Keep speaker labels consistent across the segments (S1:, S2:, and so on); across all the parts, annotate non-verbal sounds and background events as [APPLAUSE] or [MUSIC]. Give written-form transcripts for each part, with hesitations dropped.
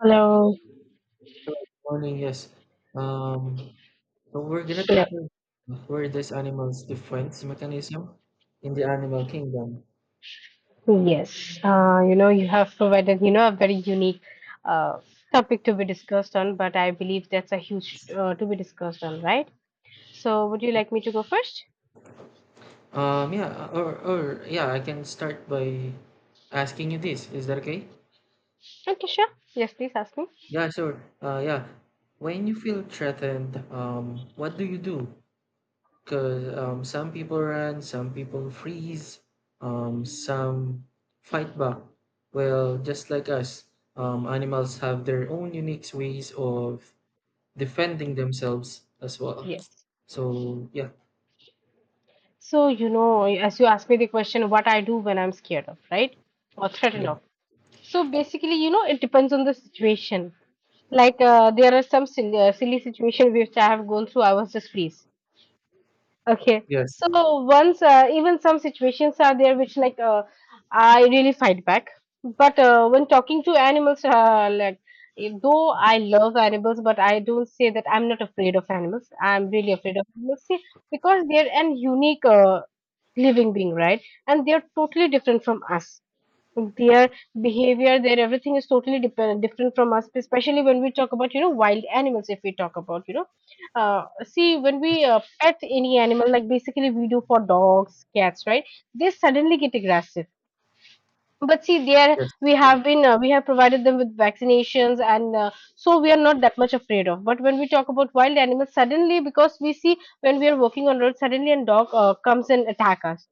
S1: Hello.
S2: Good morning, yes. Um, so we're gonna
S1: Hello.
S2: tackle where this animal's defense mechanism in the animal kingdom.
S1: Yes. You have provided, a very unique uh, topic to be discussed on, but I believe that's a huge to be discussed on, right? So, would you like me to go first?
S2: Yeah, or yeah, I can start by asking you this. Is that okay?
S1: Okay, sure. Yes, please ask me.
S2: Yeah, sure. Yeah. When you feel threatened, what do you do? Because some people run, some people freeze, some fight back. Well, just like us, animals have their own unique ways of defending themselves as well.
S1: Yes.
S2: So yeah,
S1: So, as you asked me the question, what I do when I'm scared of, right? Or
S2: yeah,
S1: threatened of. So, basically, it depends on the situation. Like, there are some silly situation which I have gone through. I was just freeze. Okay.
S2: yes,
S1: So once even some situations are there which like I really fight back. But when talking to animals, like though I love animals, but I don't say that I'm not afraid of animals. I'm really afraid of animals. See, because they're an unique living being, right? And they're totally different from us, their behavior, their everything is totally dependent, different from us, especially when we talk about, wild animals. If we talk about, see, when we
S2: yes,
S1: pet any animal, like basically we do for dogs, cats, right? They suddenly get aggressive. But see, there
S2: yes,
S1: we have been, we have provided them with vaccinations, and so we are not that much afraid of. But when we talk about wild animals, suddenly because we see, when we are walking on road, suddenly a dog comes and attack us,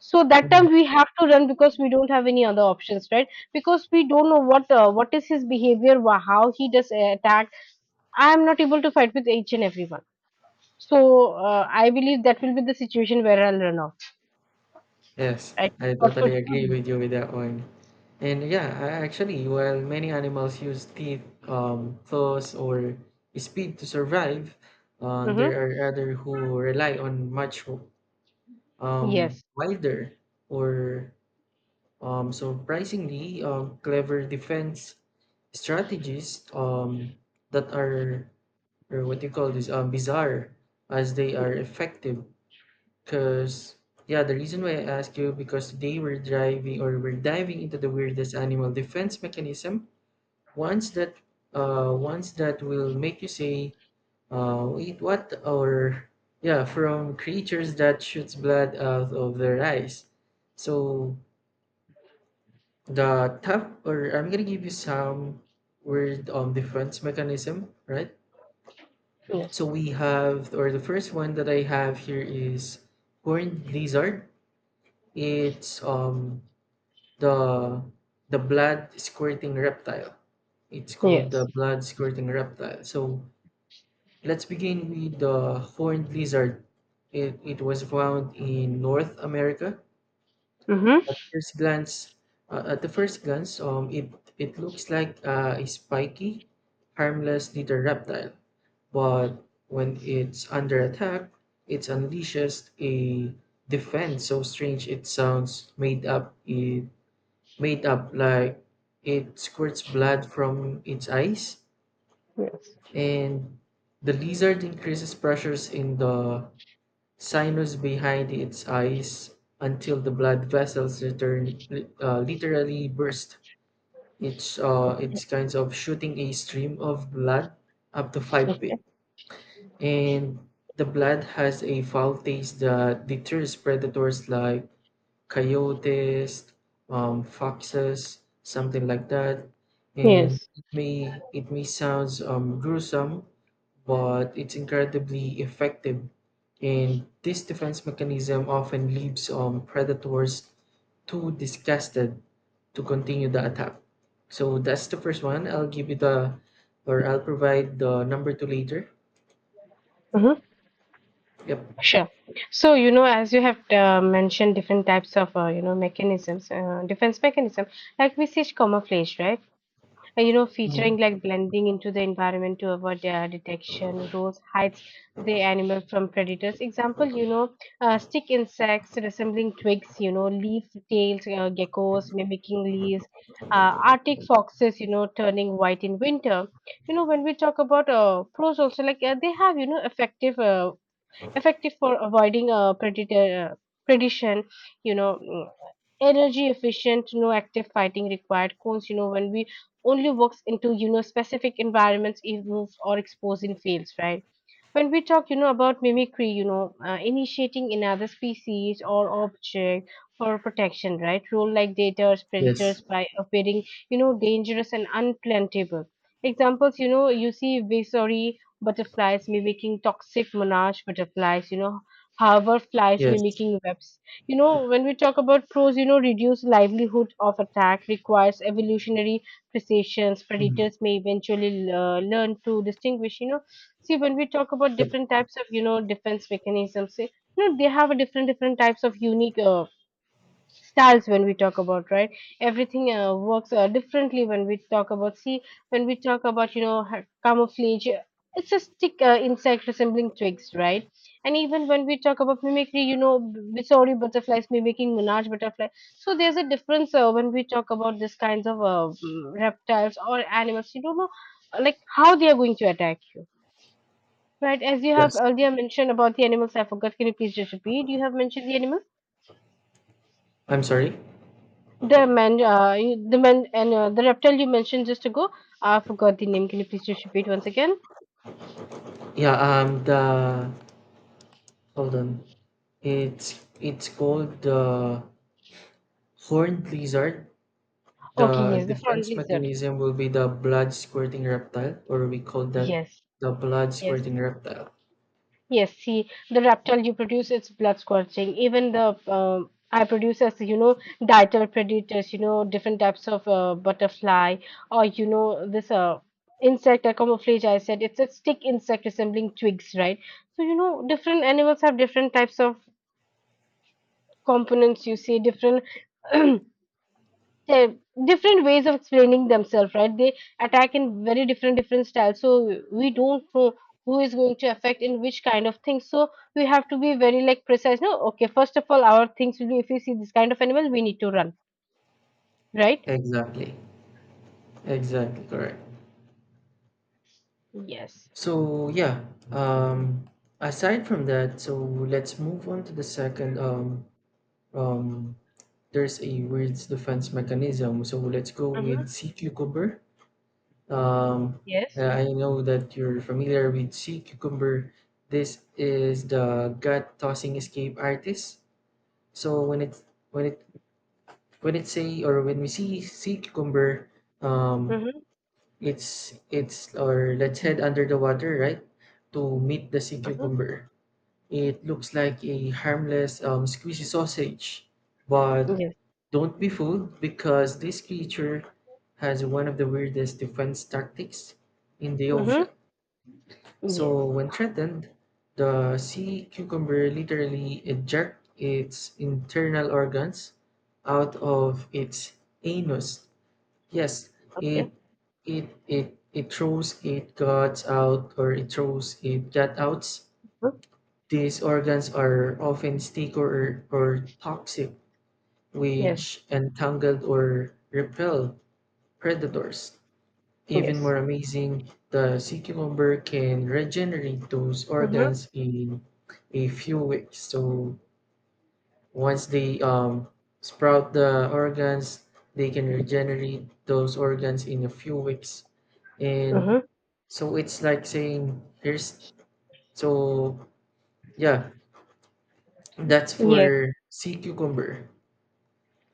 S1: so that
S2: mhm,
S1: time we have to run because we don't have any other options, right? Because we don't know what, what is his behavior, how he does attack. I am not able to fight with each and everyone, so I believe that will be the situation where I'll run off,
S2: yes.
S1: right?
S2: I
S1: What would
S2: totally
S1: you
S2: agree
S1: do?
S2: with you with that one. And yeah, I actually, while many animals use teeth, claws, or speed to survive, there
S1: Mm-hmm.
S2: are other who rely on much
S1: Yes.
S2: wider, or surprisingly clever defense strategies, that are, or what do you call this, bizarre, as they are effective, because yeah, the reason why I ask you, because they were driving or were diving into the weirdest animal defense mechanism, once that once that will make you say, wait what, or yeah, from creatures that shoots blood out of their eyes. So the top, or I'm gonna give you some weird defense mechanism, right? So
S1: Yes.
S2: we have, or the first one that I have here is Horned Lizard. It's the the blood squirting reptile. It's called the
S1: Yes.
S2: blood squirting reptile. So let's begin with the horned lizard. It was found in North America.
S1: Mm-hmm.
S2: At first glance, at the first glance, it looks like a spiky, harmless little reptile, but when it's under attack, it unleashes a defense so strange it sounds made up. It made up like, it squirts blood from its eyes,
S1: Yes.
S2: and the lizard increases pressures in the sinus behind its eyes until the blood vessels return, literally burst. It's kinds of shooting a stream of blood up to
S1: So,
S2: 5 feet. And the blood has a foul taste that deters predators like coyotes, foxes, something like that. And
S1: yes.
S2: it may sounds gruesome, but it's incredibly effective. And this defense mechanism often leaves predators too disgusted to continue the attack. So that's the first one. I'll give you the, or I'll provide the number two later.
S1: Mm-hmm.
S2: Yep.
S1: Sure. So, as you have mentioned different types of, mechanisms, defense mechanism, like we see camouflage, right? You know, featuring
S2: Mhm.
S1: like blending into the environment to avoid their detection. Rose hides the animal from predators. Example, stick insects resembling twigs, leaf tails, geckos mimicking leaves, Arctic foxes, turning white in winter. You know, when we talk about pros also, like they have, effective for avoiding a predator, predation. you know mm, Energy efficient, no active fighting required, cones, when we only works into, specific environments, it moves or exposed in fields, right? When we talk, about mimicry, initiating another species or object for protection, right? Role like daters
S2: Yes.
S1: predators by appearing, dangerous and unplantable. Examples, you see visory butterflies mimicking toxic monarch butterflies, however flies
S2: Yes.
S1: mimicking webs. When we talk about pros, reduce livelihood of attack, requires evolutionary precisions,
S2: Mhm.
S1: predators may eventually learn to distinguish. See, when we talk about
S2: Yep.
S1: different types of, defense mechanisms, see, they have a different different types of unique styles when we talk about, right? Everything works differently when we talk about. See, when we talk about, camouflage, it's a stick insect resembling twigs, right? And even when we talk about mimicry, sorry, butterflies mimicking monarch butterfly. So there's a difference when we talk about these kinds of reptiles or animals. You don't know, like, how they are going to attack you. Right, as you have
S2: Yes.
S1: earlier mentioned about the animals, I forgot. Can you please just repeat? You have mentioned the animals,
S2: I'm sorry.
S1: the man, and the reptile you mentioned just ago. I forgot the name. Can you please just repeat once again?
S2: Yeah. The hold on. It's called the horned lizard.
S1: Okay,
S2: The
S1: yes, the front
S2: defense
S1: lizard.
S2: mechanism will be the blood squirting reptile, or we call that
S1: Yes,
S2: the blood
S1: yes.
S2: squirting reptile.
S1: Yes, see, the reptile you produce is blood scorching. Even the I produce, as you know, dietary predators, different types of butterfly, or this insect or camouflage. I said it's a stick insect resembling twigs, right? So, different animals have different types of components. You see different [CLEARS THROAT] they different ways of explaining themselves, right? They attack in very different different styles. So we don't know who is going to affect in which kind of things. So we have to be very, like, precise. No, okay. First of all, our things will be, if we see this kind of animal, we need to run, right?
S2: Exactly. Exactly correct.
S1: Yes.
S2: So yeah. Um. Aside from that, so let's move on to the second, um, there's a weird defense mechanism. So let's go with
S1: Mm-hmm.
S2: sea cucumber. Um,
S1: Yes.
S2: I know that you're familiar with sea cucumber. This is the gut tossing escape artist. So when it when we see sea cucumber, um,
S1: Mm-hmm.
S2: it's or let's head under the water, right, to meet the sea
S1: Mm-hmm.
S2: cucumber. It looks like a harmless squeezy sausage, but
S1: Yes.
S2: don't be fooled, because this creature has one of the weirdest defense tactics in the
S1: Mm-hmm.
S2: ocean.
S1: Yes.
S2: So when threatened, the sea cucumber literally ejects its internal organs out of its anus. Yes,
S1: Okay.
S2: it it throws it guts out, or it throws it gut outs.
S1: Mhm.
S2: These organs are often sticky, or toxic,
S1: Yes.
S2: which entangle or repel predators. Even
S1: Yes.
S2: more amazing, the sea cucumber can regenerate those
S1: Mm-hmm.
S2: organs in a few weeks. So once they sprout the organs, they can regenerate those organs in a few weeks. And
S1: Mm-hmm.
S2: so it's like saying, here's, so yeah, that's
S1: Yes.
S2: for sea cucumber.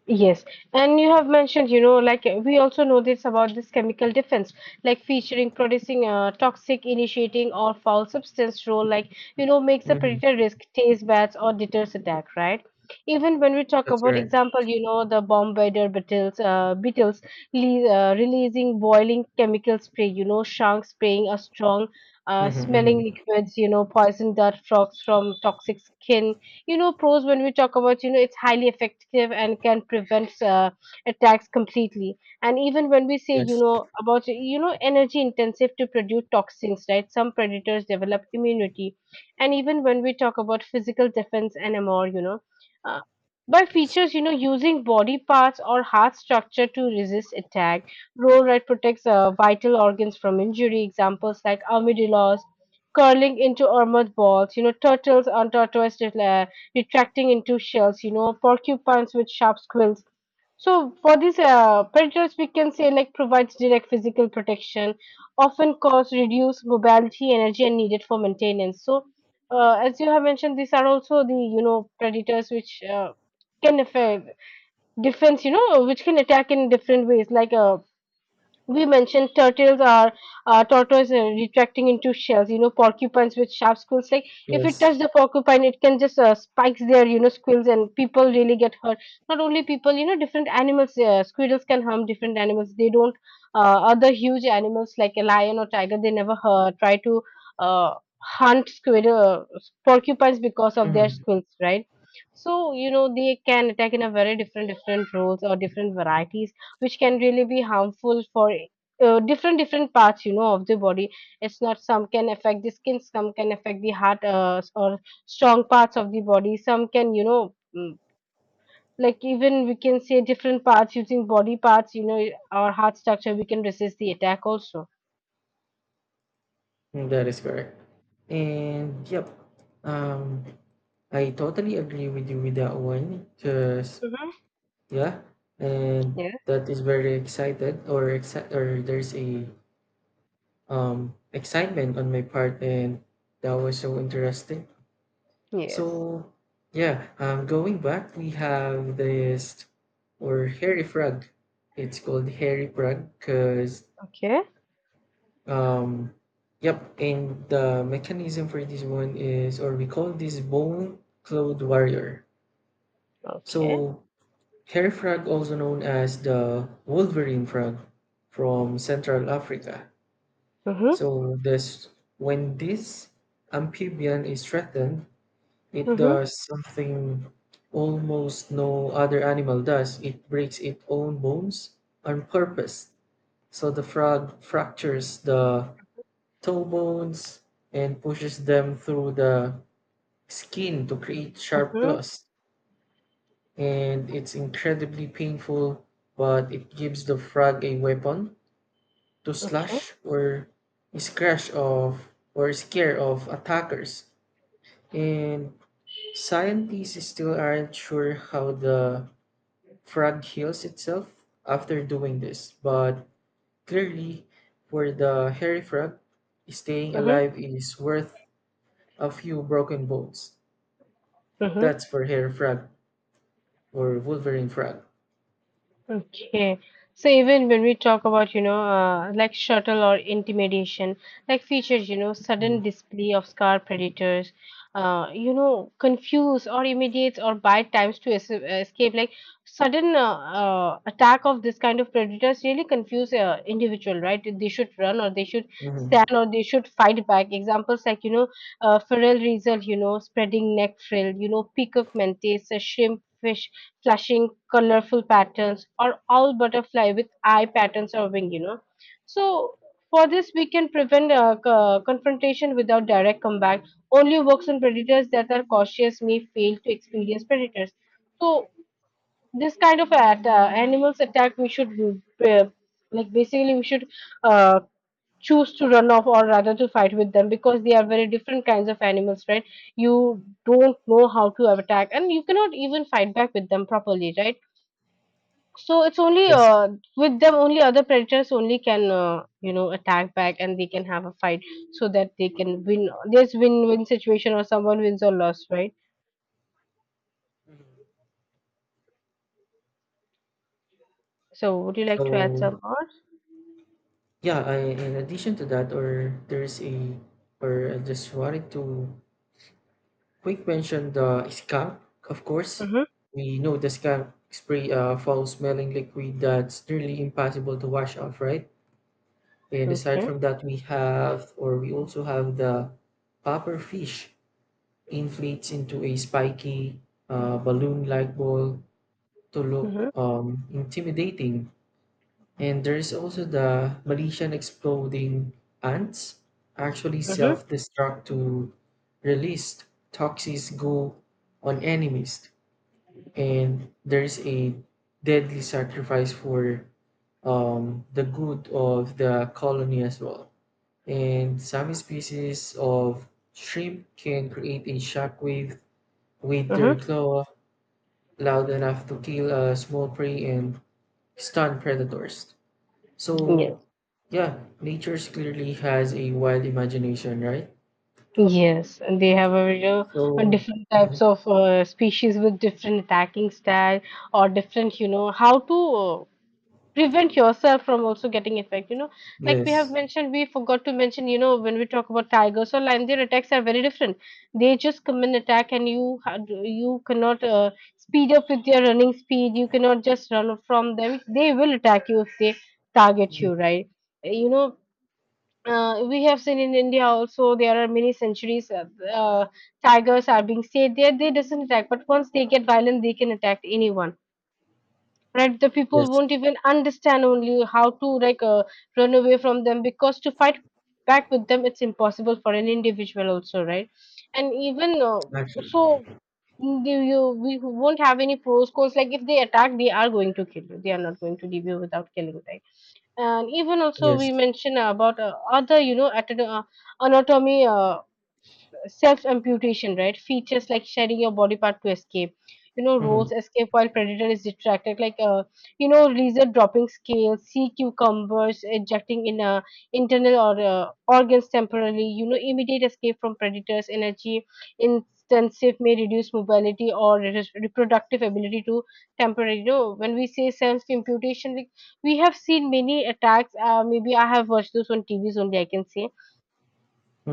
S1: Yes, and you have mentioned, like we also know this about this chemical defense, like featuring producing toxic, initiating or foul substance role, like, makes a
S2: Hmm.
S1: predator risk, taste bats or deters attack, right? Even when we talk
S2: That's
S1: about
S2: right.
S1: example, the bombardier beetles releasing boiling chemical spray, sharks spraying a strong, smelling
S2: Hmm.
S1: liquids, poison dart frogs from toxic skin. Pros, when we talk about, it's highly effective and can prevent attacks completely. And even when we say,
S2: Yes,
S1: about, energy intensive to produce toxins, right? Some predators develop immunity. And even when we talk about physical defense and more, uh, by
S2: yes,
S1: features, using body parts or heart structure to resist attack. Roll right, protects vital organs from injury. Examples like armadillos curling into armored balls. You know, turtles on tortoise retracting into shells, porcupines with sharp quills. So for these predators, we can say, like, provides direct physical protection, often cause reduced mobility, energy, and needed for maintenance. So as you have mentioned, these are also the, predators which can affect defense, which can attack in different ways, like we mentioned turtles are tortoise retracting into shells, porcupines with sharp quills, like, if you
S2: yes.
S1: touch the porcupine it can just spikes their, squills, and people really get hurt. Not only people, different animals, squirrels can harm different animals. They don't, other huge animals like a lion or tiger, they never try to uh, hunt squirrel, porcupines because of their
S2: Hmm.
S1: squills, right? So, they can attack in a very different different roles or different varieties, which can really be harmful for different different parts, of the body. It's not, some can affect the skin, some can affect the heart, or strong parts of the body. Some can, mm, like, even we can say different parts using body parts, our heart structure we can resist the attack also.
S2: That is correct. And yep, um, I totally agree with you with that one. Cause
S1: Mm-hmm.
S2: yeah, and
S1: Yeah.
S2: that is very excited, or there's a excitement on my part, and that was so interesting.
S1: Yes.
S2: So yeah, going back, we have this, or hairy frog. It's called hairy frog because.
S1: Okay.
S2: Um, yep, and the mechanism for this one is, or we call this bone clothed warrior.
S1: Okay.
S2: So, hair frog, also known as the Wolverine frog, from Central Africa.
S1: Mm-hmm.
S2: So, this, when this amphibian is threatened, it
S1: Mm-hmm.
S2: does something almost no other animal does. It breaks its own bones on purpose. So the frog fractures the toe bones and pushes them through the skin to create sharp
S1: Mm-hmm.
S2: claws. And it's incredibly painful, but it gives the frog a weapon to
S1: Okay.
S2: slash, or scratch off, or scare off attackers. And scientists still aren't sure how the frog heals itself after doing this, but clearly, for the hairy frog, staying
S1: Mm-hmm.
S2: alive is worth a few broken bones.
S1: Mm-hmm.
S2: That's for hair frag, or Wolverine frag.
S1: Okay. So even when we talk about, like shuttle or intimidation, like features, sudden
S2: Mm,
S1: display of scar predators, confuse or immediate or bite times to es escape. Like, sudden attack of this kind of predators really confuse individual, right? They should run or they should
S2: mhm,
S1: stand or they should fight back. Examples like, feral weasel, spreading neck frill, peacock mantis, shrimp. Fish, flashing colorful patterns, or all butterfly with eye patterns or wing. So for this we can prevent confrontation without direct combat. Only works on predators that are cautious, may fail to experience predators. So this kind of animals attack, we should, uh, like basically we should, uh, choose to run off, or rather to fight with them, because they are very different kinds of animals, right? You don't know how to attack, and you cannot even fight back with them properly, right? So it's only
S2: yes.
S1: with them only, other predators only can, attack back and they can have a fight, so that they can win. There's win-win situation, or someone wins or loss, right? So would you like to add
S2: So
S1: some more?
S2: yeah, I, in addition to that, or there is a, or I just wanted to quick mention the skunk. Of course,
S1: Mm-hmm.
S2: we know the skunk spray a foul-smelling liquid that's nearly impossible to wash off, right? And aside
S1: Okay.
S2: from that, we have, or we also have the puffer fish inflates into a spiky, balloon-like ball to look
S1: Mm-hmm.
S2: intimidating. And there's also the Malaysian exploding ants actually
S1: Mm-hmm.
S2: self-destruct to release toxic goo on enemies. And there's a deadly sacrifice for the good of the colony as well. And some species of shrimp can create a shockwave with their
S1: Mm-hmm.
S2: claw loud enough to kill a small prey and stun predators.
S1: Yes.
S2: So, yeah, nature clearly has a wild imagination, right?
S1: Yes, and they have a,
S2: So,
S1: different
S2: mhm,
S1: types of species with different attacking style or different, how to prevent yourself from also getting effect. Like we have
S2: yes,
S1: mentioned, we forgot to mention, you know, when we talk about tigers or lion, their attacks are very different. They just come and attack and you cannot speed up with their running speed, you cannot just run from them, they will attack you if they target
S2: mhm,
S1: you, right? You know, we have seen in india also, there are many centuries, uh, tigers are being saved there, they doesn't attack, but once they get violent they can attack anyone, right? The
S2: yes,
S1: people won't even understand only how to like run away from them, because to fight back with them, it's impossible for an individual also, right? And even uh, so
S2: exactly,
S1: you, we won't have any pros cons, like if they attack they are going to kill you, they are not going to leave you without killing, right? And even also
S2: yes.
S1: we mentioned about other, you know, anatomy, self amputation, right? Features like shedding your body part to escape. You know,
S2: Mm-hmm.
S1: roles escape while predator is distracted, like you know, lizard dropping scales, sea cucumbers ejecting in internal or organs temporarily. You know, immediate escape from predators, energy intensive, may reduce mobility or reproductive ability to temporary. You know, when we say self amputation, like we have seen many attacks. Maybe I have watched those on TVs only, I can say,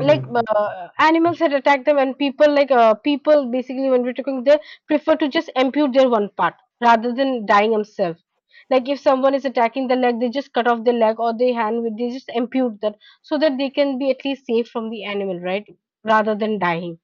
S1: like animals had attacked them, and people, like people basically, when we're talking, they prefer to just amputate their one part rather than dying themselves. Like, if someone is attacking the leg, they just cut off the leg or the hand, with they just amputate that, so that they can be at least safe from the animal, right? Rather than dying.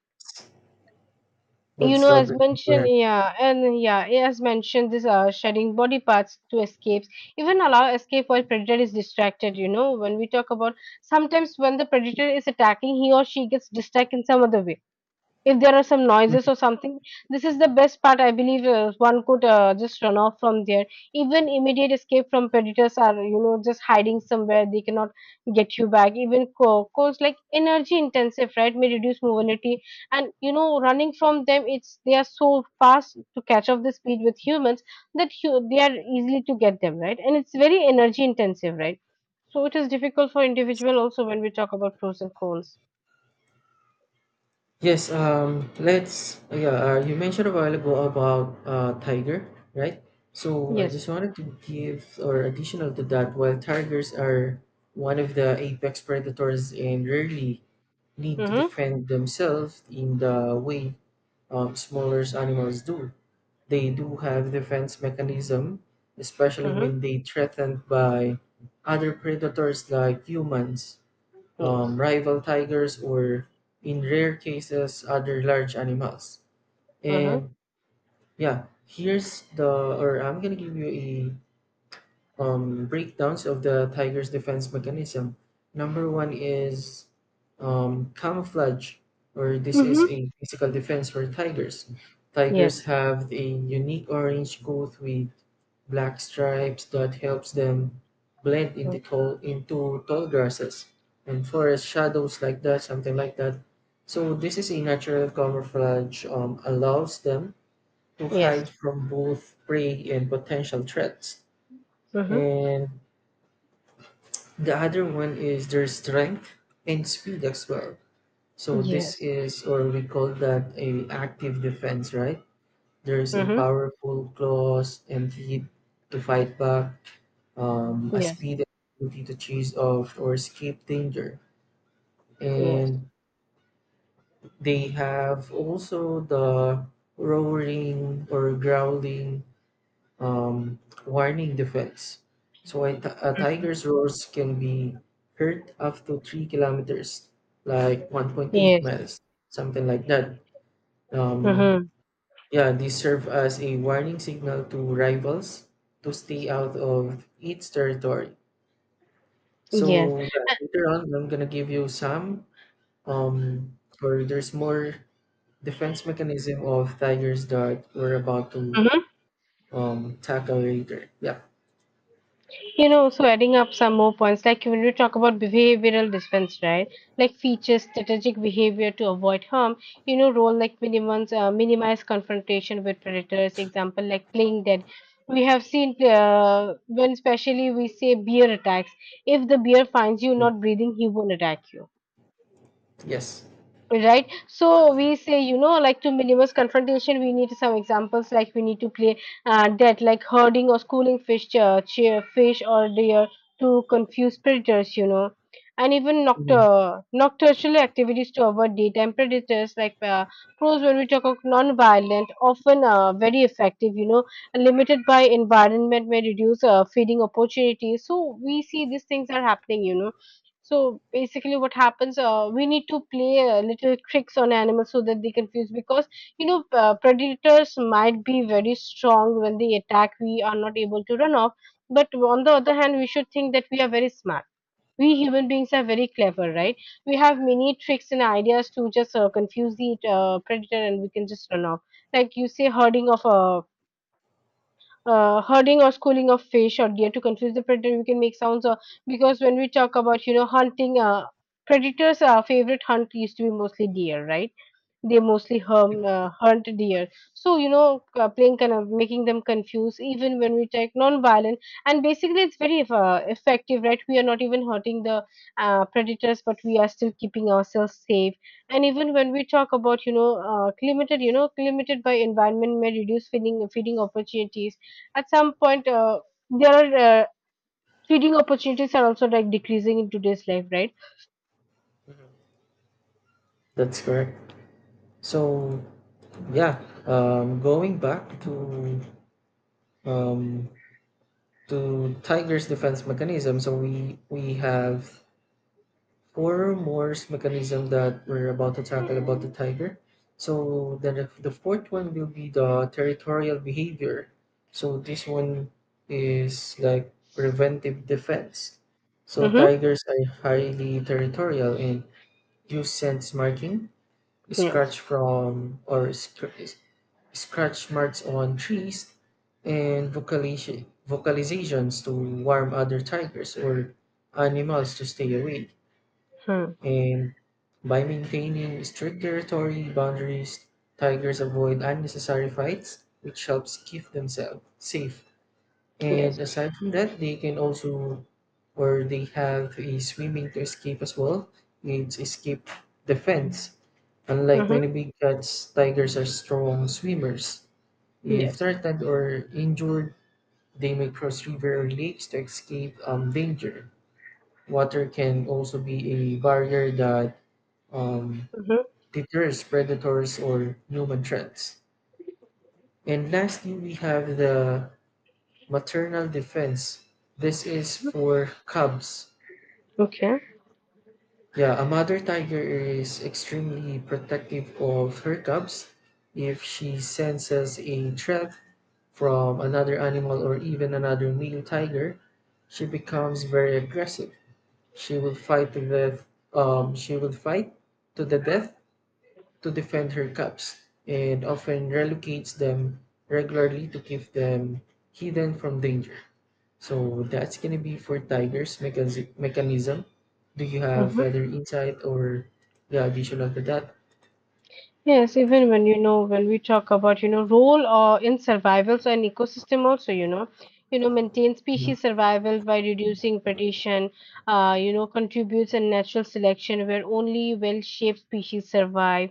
S1: You
S2: That's
S1: know, as
S2: totally
S1: mentioned,
S2: correct.
S1: yeah, and yeah, as mentioned, this shedding body parts to escapes, even allow escape while predator is distracted. You know, when we talk about sometimes when the predator is attacking, he or she gets distracted in some other way, if there are some noises
S2: Mhm.
S1: or something, this is the best part, I believe, one could just run off from there. Even immediate escape from predators are, you know, just hiding somewhere they cannot get you back, even course, like energy intensive, right? May reduce mobility. And you know, running from them, it's they are so fast to catch up the speed with humans, that they are easily to get them, right? And it's very energy intensive, right? So it is difficult for individual also when we talk about pros and cons.
S2: Yes. Let's. Yeah. You mentioned a while ago about tiger, right? So I
S1: Yes.
S2: just wanted to give, or additional to that. While tigers are one of the apex predators and rarely need to
S1: Mm-hmm.
S2: defend themselves in the way smaller animals do. They do have defense mechanism, especially
S1: Mm-hmm.
S2: when they threatened by other predators like humans,
S1: Yes.
S2: rival tigers, or in rare cases other large animals.
S1: Mhm.
S2: And yeah, here's the, or I'm gonna give you a breakdowns of the tiger's defense mechanism. Number one is camouflage, or this is
S1: Mhm.
S2: a physical defense for tigers. Tigers
S1: Yes.
S2: have a unique orange coat with black stripes that helps them blend
S1: Mhm.
S2: into tall grasses and forest shadows, like that, something like that. So this is a natural camouflage, allows them to hide
S1: Yes.
S2: from both prey and potential threats.
S1: Mhm.
S2: And the other one is their strength and speed as well. So this
S1: Yes.
S2: is, or we call that a active defense, right? There's a
S1: Mhm.
S2: powerful claws and teeth to fight back, a
S1: Yes.
S2: speed and ability to chase off or escape danger.
S1: Yes.
S2: And they have also the roaring or growling, um, warning defense. So a tiger's roars can be heard up to 3 kilometers, like 1.8
S1: Yes.
S2: miles, something like that. Um,
S1: Mhm.
S2: yeah, these serve as a warning signal to rivals to stay out of its territory.
S1: Yes.
S2: So yeah, later on I'm gonna give you some or there's more defense mechanism of tigers that we're about to
S1: Mhm.
S2: tackle later. Yeah.
S1: You know, so adding up some more points, like when we talk about behavioral defense, right? Like features strategic behavior to avoid harm. You know, role like minimize confrontation with predators. Example like playing dead. We have seen when especially we say bear attacks. If the bear finds you not breathing, he won't attack you.
S2: Yes.
S1: Right. So we say, you know, like to minimize confrontation, we need some examples like we need to play dead, like herding or schooling fish, cheer, fish or deer to confuse predators, you know, and even
S2: Mm-hmm.
S1: nocturnal activities to avoid daytime predators. Like pros, when we talk of non-violent, often very effective, you know, limited by environment may reduce feeding opportunities. So we see these things are happening, you know, so basically, what happens? We need to play little tricks on animals so that they confuse, because you know, predators might be very strong when they attack. We are not able to run off. But on the other hand, we should think that we are very smart. We human beings are very clever, right? We have many tricks and ideas to just confuse the predator, and we can just run off. Like you say, herding of a herding or schooling of fish or deer to confuse the predator. We can make sounds because when we talk about, you know, hunting, predators' favorite hunt used to be mostly deer, right? They mostly
S2: Yep,
S1: hum, uh, hunt deer. So you know, playing kind of making them confused, even when we check non-violent, and basically it's very effective, right? We are not even hurting the predators, but we are still keeping ourselves safe. And even when we talk about, you know, limited by environment, may reduce feeding opportunities. At some point, there are feeding opportunities are also like decreasing in today's life, right?
S2: that's correct. So yeah, going back um, to Tiger's defense mechanism. So we have four more mechanism that we're about to tackle about
S1: Mm-hmm.
S2: the tiger. So then the fourth one will be the territorial behavior. So this one is like preventive defense. So tigers are highly territorial and use sense marking,
S1: Yes.
S2: scratch from or scr- scratch marks on trees, and vocalizations to warn other tigers or animals to stay away.
S1: Hmm.
S2: And by maintaining strict territory boundaries, tigers avoid unnecessary fights, which helps keep themselves safe.
S1: Yes.
S2: And aside from that, they can also, or they have a swimming to escape as well. It's escape defense. Unlike
S1: Mm-hmm.
S2: many big cats, tigers are strong swimmers. If
S1: Yes.
S2: threatened or injured, they may cross river or lakes to escape danger. Water can also be a barrier that um,
S1: Mhm.
S2: deters predators or human threats. And lastly, we have the maternal defense. This is for cubs.
S1: Okay.
S2: Yeah, a mother tiger is extremely protective of her cubs. If she senses a threat from another animal or even another male tiger, she becomes very aggressive. She will fight to the she will fight to the death to defend her cubs, and often relocates them regularly to keep them hidden from danger. So that's gonna be for Tiger's mechanism. Do you have
S1: Mhm.
S2: other insight, or the additional to that?
S1: Yes, even when you know, when we talk about, you know, role or in survival, so an ecosystem also, you know, you know, maintain
S2: Mhm.
S1: species survival by reducing predation, you know, contributes in natural selection where only well-shaped species survive,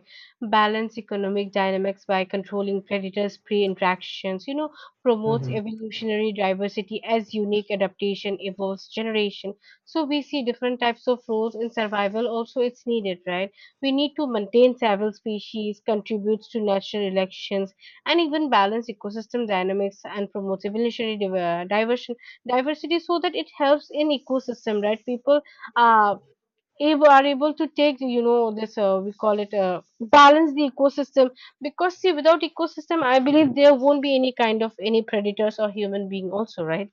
S1: balance economic dynamics by controlling predators, prey interactions, you know, promotes
S2: Mhm.
S1: evolutionary diversity as unique adaptation evolves generation. So we see different types of roles in survival also it's needed, right? We need to maintain several species, contributes to natural elections, and even balance ecosystem dynamics and promote evolutionary diversion diversity so that it helps in ecosystem. Right, people uh, are able to take, you know, this we call it balance the ecosystem, because see without ecosystem I believe there won't be any kind of any predators or human being also, right.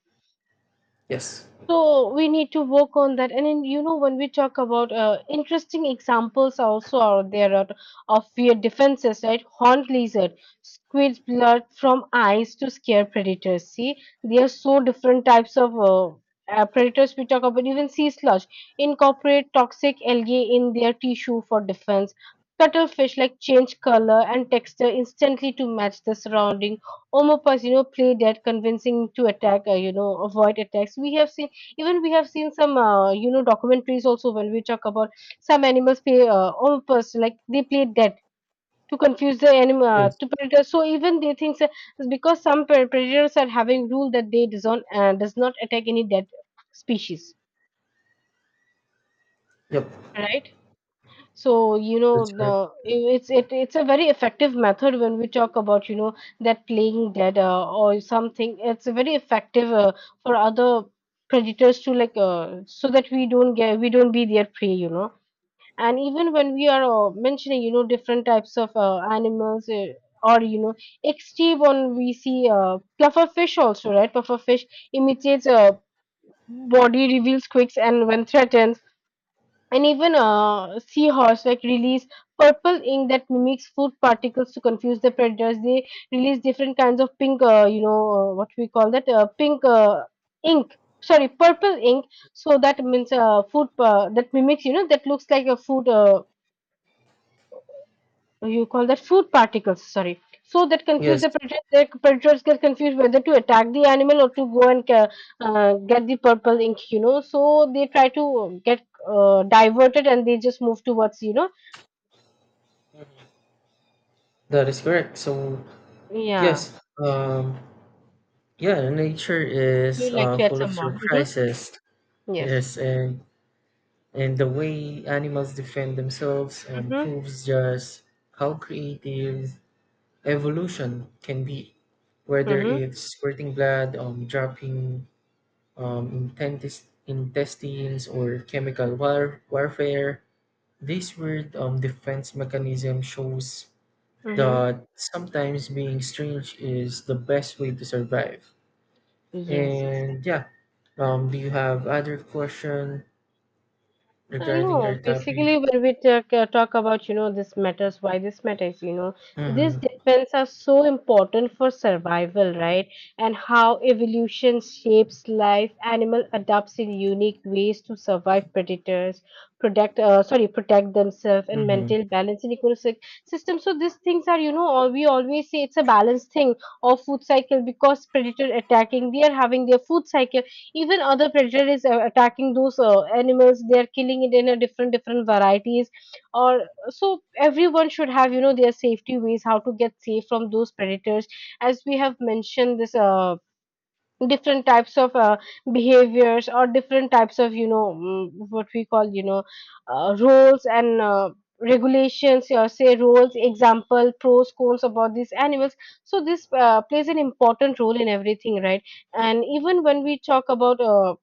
S2: Yes.
S1: So we need to work on that. And then, you know, when we talk about interesting examples also out there, out of fear defenses, right? Horned lizard, squid blood from eyes to scare predators. See, there are so different types of predators we talk about. Even sea sludge incorporate toxic algae in their tissue for defense. Cuttlefish like change color and texture instantly to match the surrounding. Omopas, you know, play dead, convincing to attack, you know, avoid attacks. We have seen, even we have seen some you know, documentaries also, when we talk about some animals play on purpose, like they play dead to confuse the animal,
S2: Yes.
S1: to predators, so even they think that, because some predators are having rule that they does not attack any dead species,
S2: Yep.
S1: right? So you know,
S2: That's
S1: the
S2: right.
S1: it's it's a very effective method when we talk about, you know, that playing dead or something, it's very effective for other predators to like, so that we don't get, we don't be their prey, you know. And even when we are mentioning, you know, different types of animals or you know, extreme when we see pufferfish also, right? Pufferfish imitates body reveals quakes, and when threatened, and even seahorse like release purple ink that mimics food particles to confuse the predators. They release different kinds of pink, what we call that, pink ink, sorry, purple ink, so that means food that mimics, you know, that looks like a food, you call that food particles, sorry, so that confuse
S2: Yes,
S1: the predators, the predators get confused whether to attack the animal or to go and get the purple ink, you know, so they try to get diverted and they just move towards, you know,
S2: that is correct. So
S1: yeah.
S2: yes, yeah, nature
S1: Would you
S2: is
S1: like to add
S2: full of
S1: some more? Hmm.
S2: surprises.
S1: Yes.
S2: Yes, and the way animals defend themselves
S1: Hmm.
S2: proves just how creative evolution can be, whether
S1: Hmm.
S2: it's squirting blood, dropping intestines, or chemical warfare. This weird defense mechanism shows
S1: Hmm.
S2: that sometimes being strange is the best way to survive.
S1: Yes,
S2: And
S1: exactly.
S2: yeah, do you have other question regarding our
S1: No,
S2: topic?
S1: basically, when we talk, talk about, you know, this matters, why this matters, you know, these
S2: Mm-hmm.
S1: depends are so important for survival, right? And how evolution shapes life, animal adapts in unique ways to survive predators, protect themselves and
S2: Mm-hmm.
S1: maintain balance in ecosystem. So these things are, you know, all we always say it's a balanced thing or food cycle, because predator attacking, they are having their food cycle, even other predator is attacking those animals, they are killing it in a different different varieties or, so everyone should have, you know, their safety ways how to get safe from those predators, as we have mentioned this different types of behaviors or different types of, you know, what we call, you know, roles and regulations, or say roles, example pros cons about these animals, so this plays an important role in everything, right? And even when we talk about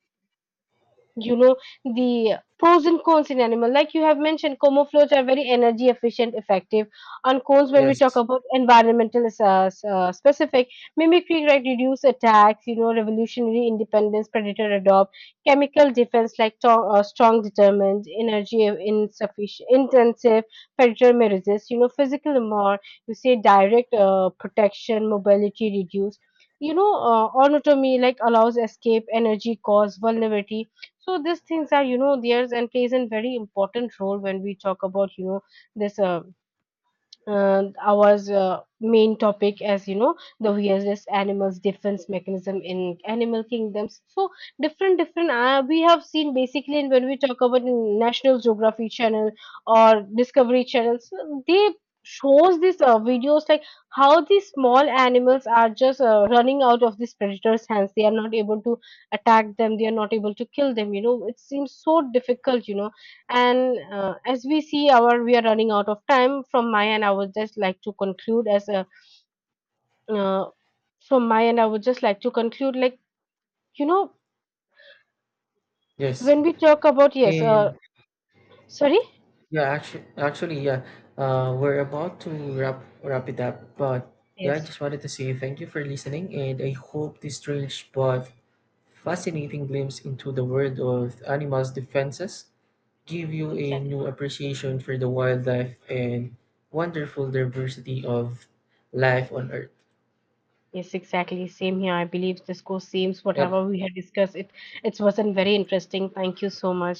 S1: you know, the pros and cons in animal, like you have mentioned, camouflage are very energy efficient effective, on cons when we talk
S2: Yes.
S1: about environmental specific mimicry, right? Reduce attacks, you know, revolutionary independence predator adopt chemical defense like strong determined energy insufficient intensive, predator may resist, you know, physical more, you say direct protection mobility reduce, you know, autonomy like allows escape, energy cause vulnerability. So these things are, you know, theirs and plays a very important role when we talk about, you know, this our main topic, as you know, the weirdest animals defense mechanism in animal kingdoms. So different different we have seen basically, and when we talk about in national geography channel or discovery channels, they shows these videos like how these small animals are just running out of these predators hands, they are not able to attack them, they are not able to kill them, you know, it seems so difficult, you know. And as we see our we are running out of time, from my end I would just like to conclude as a uh, from my end, I would just like to conclude like, you know,
S2: Yes.
S1: when we talk about
S2: And
S1: sorry
S2: yeah, actually, yeah. We're about to wrap it up, but yeah, I
S1: yes,
S2: just wanted to say thank you for listening, and I hope this strange but fascinating glimpse into the world of animals' defenses give you a
S1: exactly.
S2: new appreciation for the wildlife and wonderful diversity of life on Earth.
S1: Yes, exactly, same here, I believe this goes seems
S2: Yep.
S1: whatever we had discussed it, it wasn't very interesting, thank you so much.